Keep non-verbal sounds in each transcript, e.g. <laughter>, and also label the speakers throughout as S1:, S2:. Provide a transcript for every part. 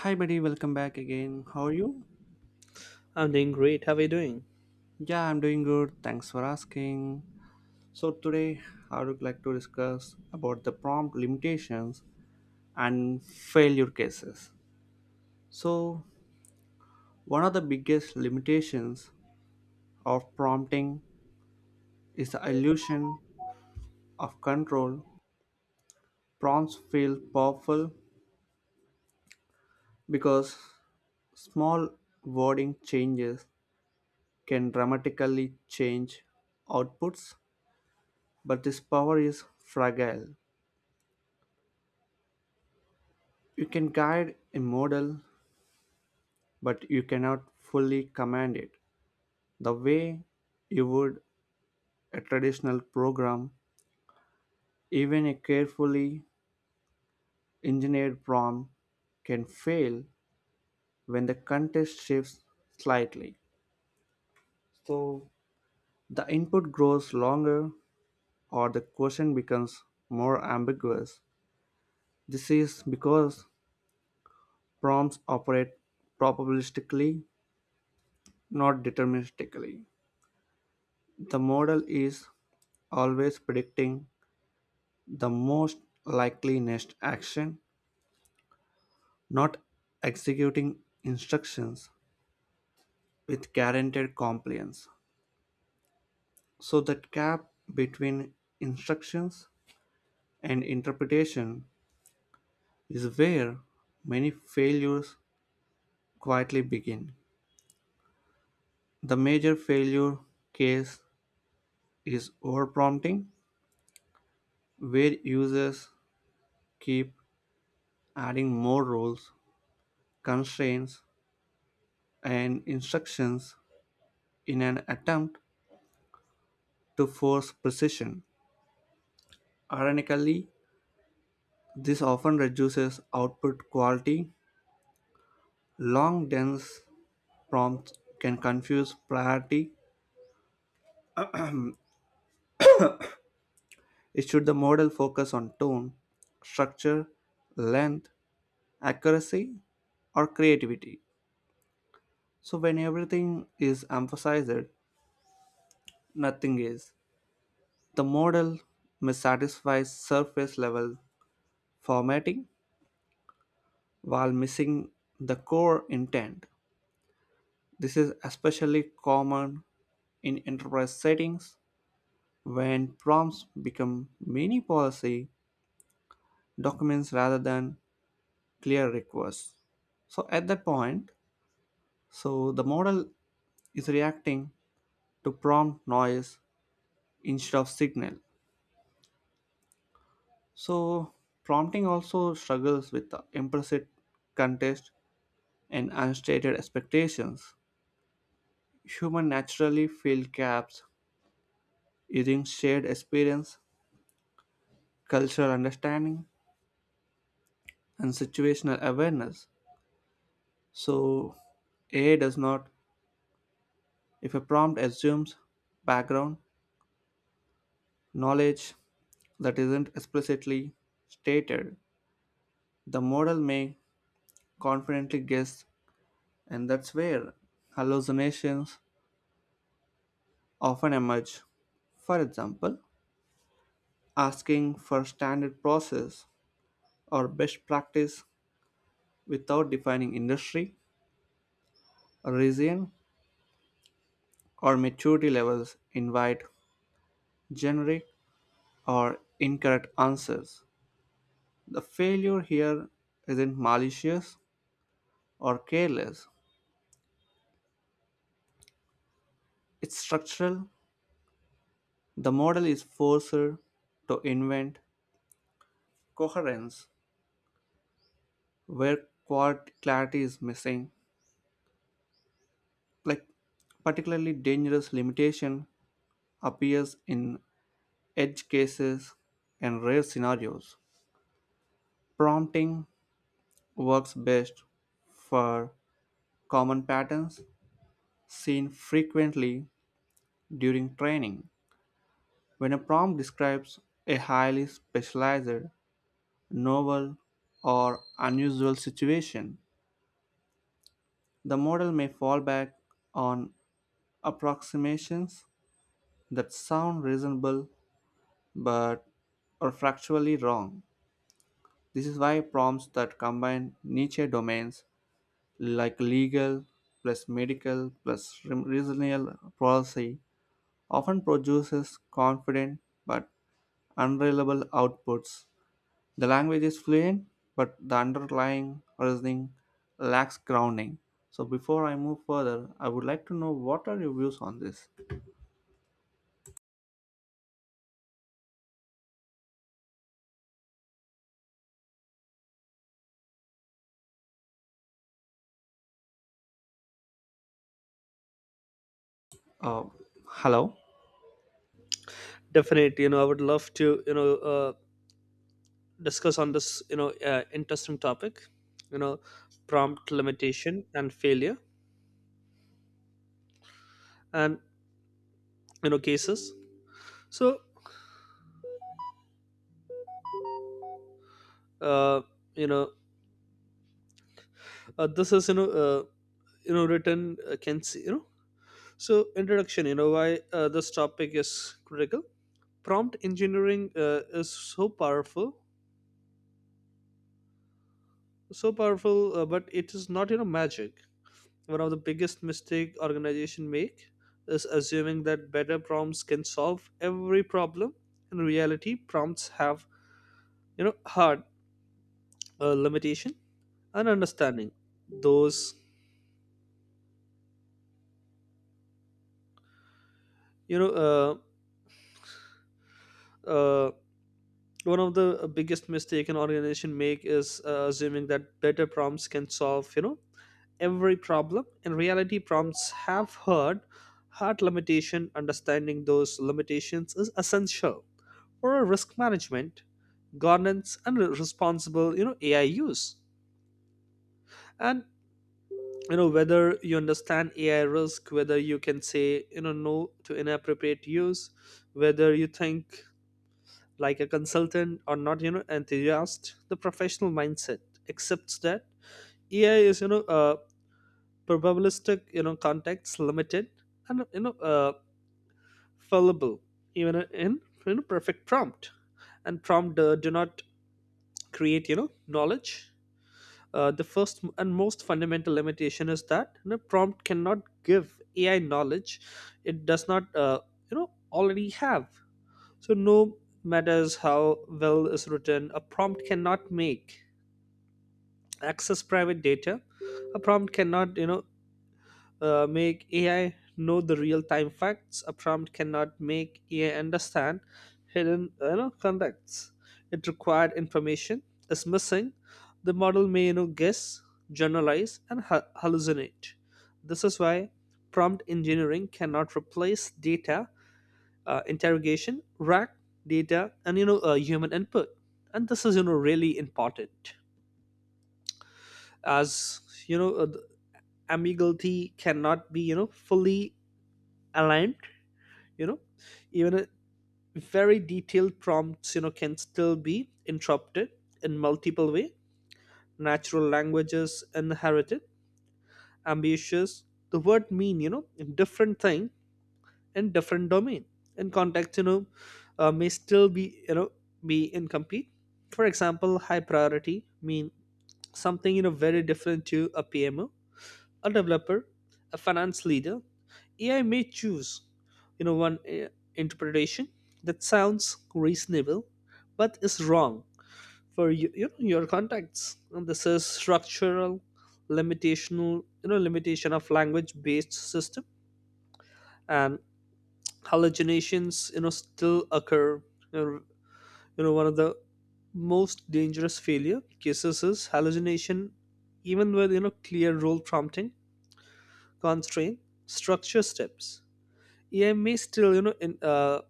S1: Hi, buddy. Welcome back again. How are you?
S2: I'm doing great. How are you doing?
S1: Yeah, I'm doing good. Thanks for asking. So today, I would like to discuss about the prompt limitations and failure cases. So one of the biggest limitations of prompting is the illusion of control. Prompts feel powerful because small wording changes can dramatically change outputs, but this power is fragile. You can guide a model, but you cannot fully command it the way you would a traditional program. Even a carefully engineered prompt can fail when the context shifts slightly. So the input grows longer or the question becomes more ambiguous. This is because prompts operate probabilistically, not deterministically. The model is always predicting the most likely next action, not executing instructions with guaranteed compliance. So that gap between instructions and interpretation is where many failures quietly begin. The major failure case is overprompting, where users keep adding more rules, constraints, and instructions in an attempt to force precision. Ironically, this often reduces output quality. Long, dense prompts can confuse priority. Should the model focus on tone, structure, length, accuracy, or creativity? So, when everything is emphasized, nothing is. The model missatisfies surface level formatting while missing the core intent. This is especially common in enterprise settings when prompts become many policy documents rather than clear requests. So at that point, the model is reacting to prompt noise instead of signal. So prompting also struggles with the implicit context and unstated expectations. Human naturally fill gaps using shared experience, cultural understanding, and situational awareness. So AI does not. If a prompt assumes background knowledge that isn't explicitly stated, the model may confidently guess, and that's where hallucinations often emerge. For example, asking for standard process or best practice without defining industry, region, or maturity levels invite generic or incorrect answers. The failure here isn't malicious or careless. It's structural. The model is forced to invent coherence where quad clarity is missing. Like, particularly dangerous limitation appears in edge cases and rare scenarios. Prompting works best for common patterns seen frequently during training. When a prompt describes a highly specialized, novel, or unusual situation, the model may fall back on approximations that sound reasonable but are factually wrong. This is why prompts that combine niche domains like legal plus medical plus regional policy often produces confident but unreliable outputs. The language is fluent, but the underlying reasoning lacks grounding. So, before I move further, I would like to know what are your views on this? Uh, Hello?
S2: Definitely, I would love to, discuss on this, interesting topic, you know, prompt limitation and failure, and cases. So, uh, you know, this is, written can see, So, introduction, why this topic is critical. Prompt engineering is so powerful, but it is not, magic. One of the biggest mistake organization make is assuming that better prompts can solve every problem. In reality, prompts have hard limitation and understanding those you know uh, uh, one of the biggest mistake an organization make is assuming that better prompts can solve every problem. In reality, prompts have hard limitation, understanding those limitations is essential for a risk management, governance and responsible AI use, and whether you understand AI risk, whether you can say no to inappropriate use, whether you think like a consultant or not, enthusiast. The professional mindset accepts that AI is probabilistic, context limited, and fallible, even in perfect prompt, and prompt do not create knowledge. The first and most fundamental limitation is that, prompt cannot give AI knowledge it does not already have. So no matters how well is written, a prompt cannot make access private data. A prompt cannot make AI know the real time facts. A prompt cannot make AI understand hidden, contexts. It required information is missing. The model may guess, generalize, and hallucinate. This is why prompt engineering cannot replace data interrogation, rack data, and human input. And this is really important, as the ambiguity cannot be fully aligned. you know Even a very detailed prompts can still be interrupted in multiple way. Natural languages inherited ambitious, the word mean different thing in different domain, in context may still be be incomplete. For example, high priority mean something very different to a PMO, a developer, a finance leader. AI may choose, you know, one interpretation that sounds reasonable, but is wrong for you, your contacts. And this is structural limitational, limitation of language-based system, and hallucinations, still occur. You know, one of the most dangerous failure cases is hallucination. Even with clear role prompting, constraint, structure steps, AI may still,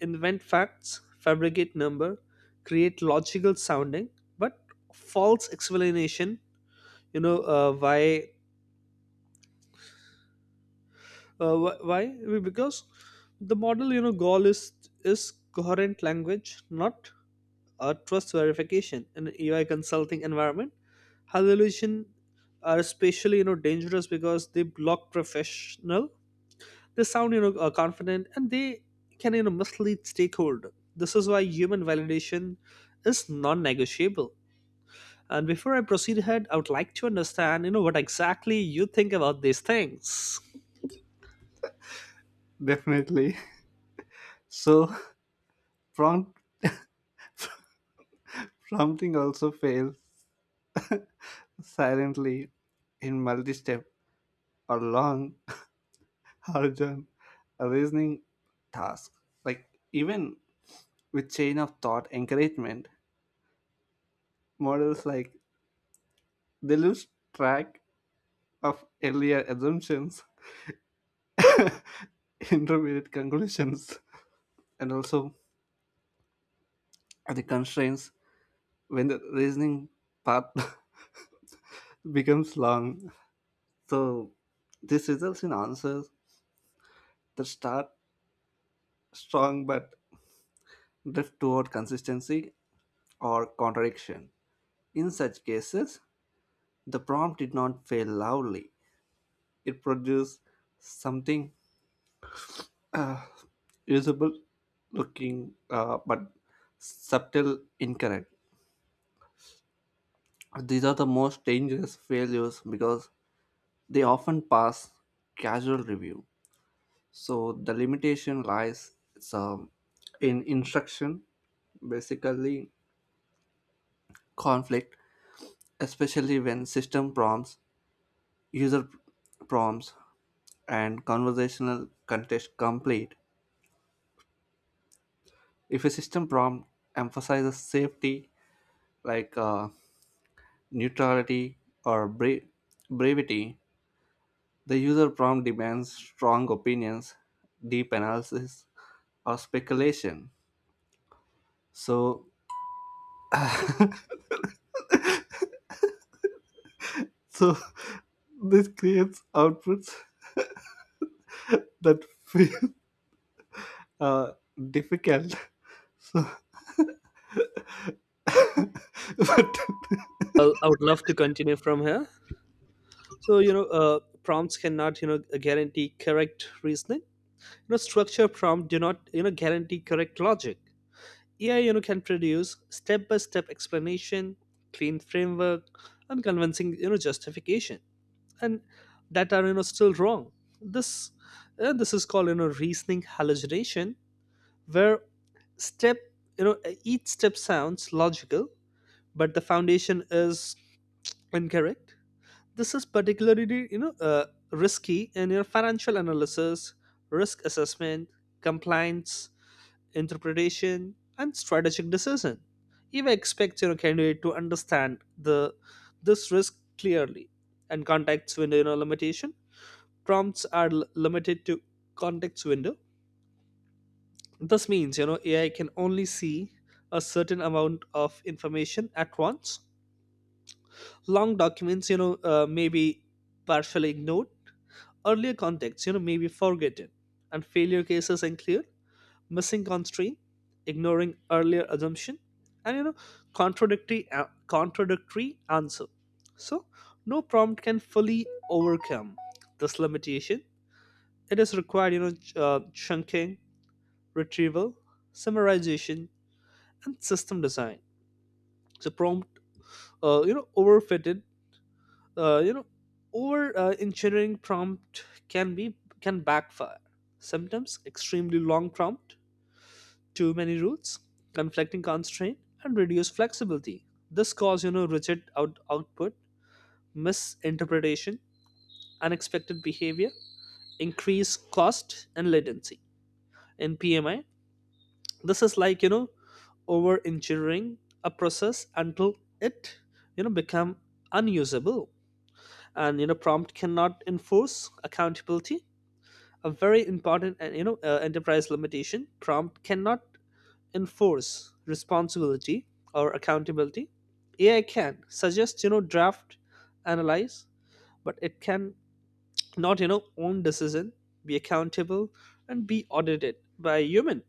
S2: invent facts, fabricate number, create logical sounding, but false explanation. You know uh, why? Why? Because the model, goal is coherent language, not a trust verification. In an AI consulting environment, hallucination are especially dangerous because they block professional. They sound confident and they can mislead stakeholder. This is why human validation is non-negotiable. And before I proceed ahead, I would like to understand what exactly you think about these things.
S1: Definitely. <laughs> So, prompt prompting also fails silently in multi step or long <laughs> origin reasoning task. Like, even with chain of thought encouragement, models like they lose track of earlier assumptions. <laughs> <laughs> intermediate conclusions and also the constraints when the reasoning path <laughs> becomes long. So this results in answers that start strong but drift toward consistency or contradiction. In such cases, the prompt did not fail loudly. It produced something usable looking but subtle incorrect. These are the most dangerous failures because they often pass casual review. So the limitation lies um, in instruction, basically conflict, especially when system prompts, user prompts, and conversational context complete. If a system prompt emphasizes safety, like neutrality or brevity, the user prompt demands strong opinions, deep analysis, or speculation. So so <laughs> this creates outputs that feel uh, difficult. So <laughs> but
S2: Well, I would love to continue from here. So prompts cannot guarantee correct reasoning. Structure prompt do not guarantee correct logic. AI can produce step by step explanation, clean framework, and convincing justification, and that are still wrong. this this is called reasoning hallucination, where step you know each step sounds logical but the foundation is incorrect. This is particularly risky in your financial analysis, risk assessment, compliance interpretation and strategic decision. Even expects candidate to understand the this risk clearly. And context window limitation, prompts are limited to context window. This means AI can only see a certain amount of information at once. Long documents may be partially ignored, earlier contexts may be forgotten, and failure cases include missing constraint, ignoring earlier assumption, and contradictory answer. So no prompt can fully overcome this limitation. It is required chunking, retrieval, summarization, and system design. So prompt, you know, overfitted, you know, over engineering prompt can backfire. Sometimes extremely long prompt, too many rules, conflicting constraint, and reduce flexibility. This cause rigid output, misinterpretation, unexpected behavior, increased cost and latency. In PMI, this is like over engineering a process until it become unusable. And prompt cannot enforce accountability, a very important and enterprise limitation. Prompt cannot enforce responsibility or accountability. AI can suggest draft, analyze, but it can not own decision, be accountable and be audited by a human.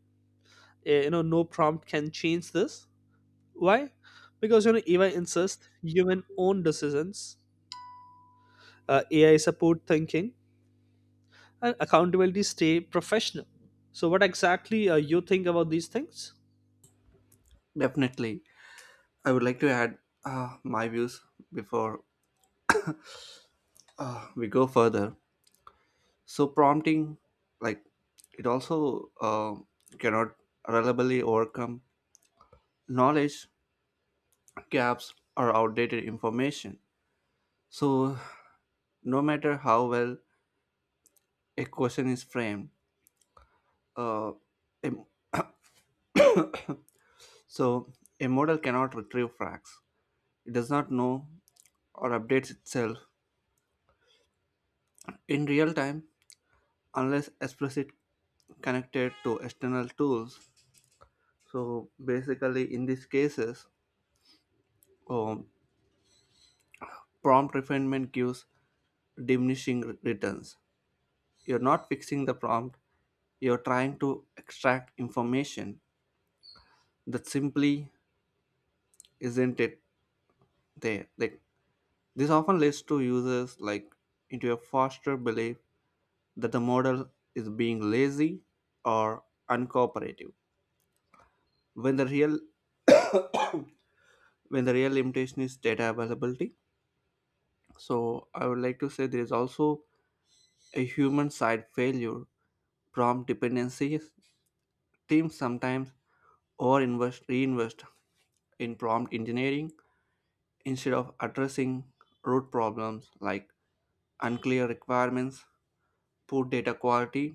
S2: No prompt can change this. Why? Because AI insists human own decisions. AI support thinking, and accountability stay professional. So what exactly you think about these things?
S1: definitely, I would like to add my views before we go further. So prompting, like it also cannot reliably overcome knowledge gaps or outdated information. So no matter how well a question is framed, uh, em- so a model cannot retrieve facts. It does not know or updates itself in real time unless explicit connected to external tools. So basically, in these cases, um, prompt refinement gives diminishing returns. You're not fixing the prompt, you're trying to extract information that simply isn't it there. Like, this often leads to users like into a faster belief that the model is being lazy or uncooperative when the real limitation is data availability. So I would like to say there is also a human side failure prompt dependencies. Teams sometimes overinvest reinvest in prompt engineering instead of addressing root problems like unclear requirements, poor data quality,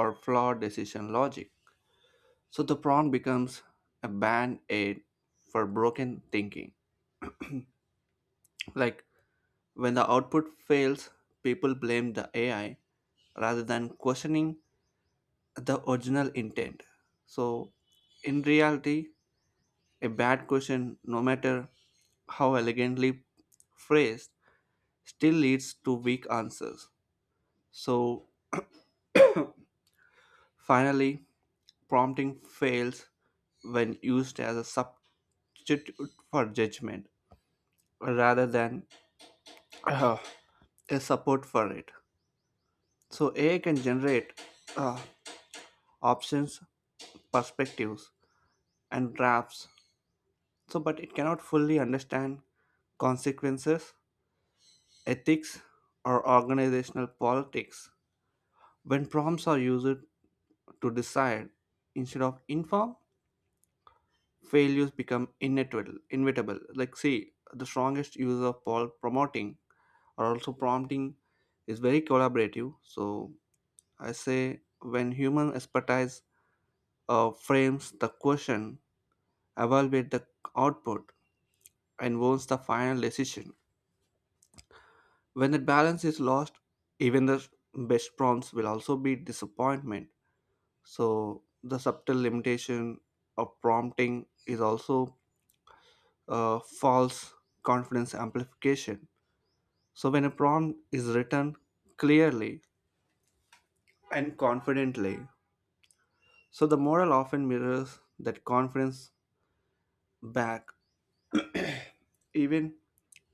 S1: or flawed decision logic. So the prompt becomes a band aid for broken thinking. Like, when the output fails, people blame the AI rather than questioning the original intent. So in reality, a bad question, no matter how elegantly phrased, still leads to weak answers. So finally, prompting fails when used as a substitute for judgment rather than <clears throat> a support for it. So AI can generate uh, options, perspectives, and drafts. So, but it cannot fully understand consequences, ethics, or organizational politics. When prompts are used to decide instead of inform, failures become inevitable. Inevitable. Like, see, the strongest use of poll promoting or also prompting is very collaborative. So, I say when human expertise frames the question, evaluates the output, and owns the final decision. When that balance is lost, even the best prompts will also be disappointment. So the subtle limitation of prompting is also false confidence amplification. So when a prompt is written clearly and confidently, so the model often mirrors that confidence back, even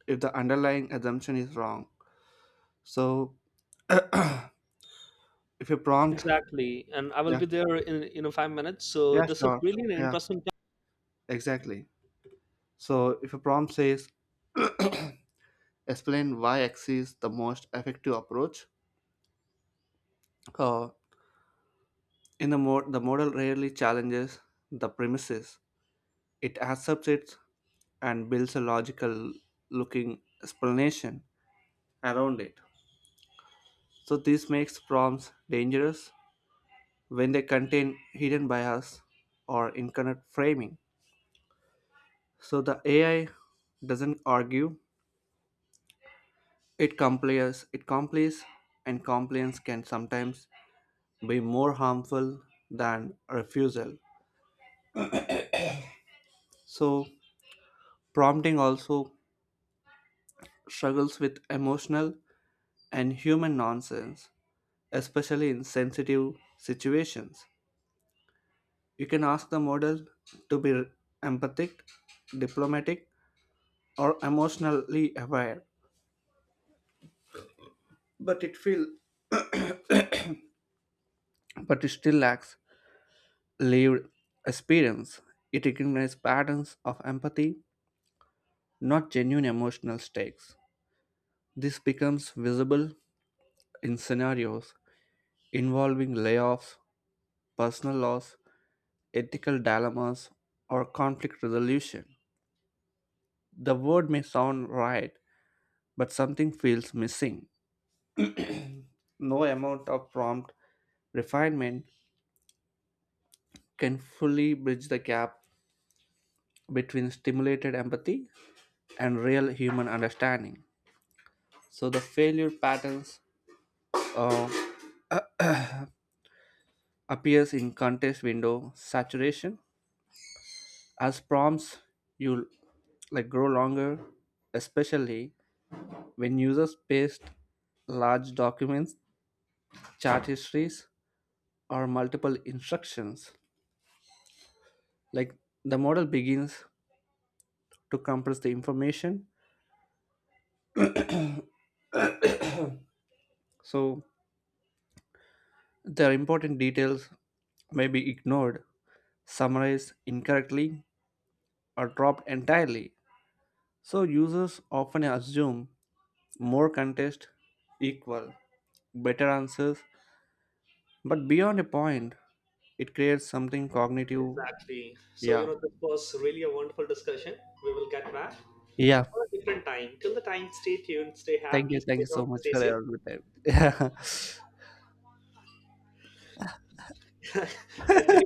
S1: if the underlying assumption is wrong. So if a prompt,
S2: Exactly, and I will
S1: yeah,
S2: be there in 5 minutes. So
S1: yeah,
S2: this is
S1: sure,
S2: really an
S1: yeah,
S2: interesting. Time.
S1: exactly. So if a prompt says, explain why X is the most effective approach, uh, the model rarely challenges the premises. It accepts it and builds a logical looking explanation around it. So this makes prompts dangerous when they contain hidden bias or incorrect framing. So the AI doesn't argue. It complies, and compliance can sometimes be more harmful than refusal. So, prompting also struggles with emotional and human nonsense, especially in sensitive situations. You can ask the model to be empathic, diplomatic, or emotionally aware, but it feels but it still lacks lived experience. It recognizes patterns of empathy, not genuine emotional stakes. This becomes visible in scenarios involving layoffs, personal loss, ethical dilemmas, or conflict resolution. The word may sound right, but something feels missing. No amount of prompt refinement can fully bridge the gap between stimulated empathy and real human understanding. So the failure patterns uh, appears in contest window saturation. As prompts, you like grow longer, especially when users paste large documents, chart histories, or multiple instructions. Like, the model begins to compress the information, so their important details may be ignored, summarized incorrectly, or dropped entirely. So users often assume more context equal better answers, but beyond a point, it creates something cognitive.
S2: Exactly. So
S1: Yeah,
S2: this was really a wonderful discussion. We will get back
S1: yeah,
S2: on a different time. Till the time, stay tuned, stay happy,
S1: thank
S2: stay
S1: you so
S2: home,
S1: much
S2: stay
S1: for
S2: safe.
S1: your good time. <laughs> Yeah.
S2: <laughs> Actually.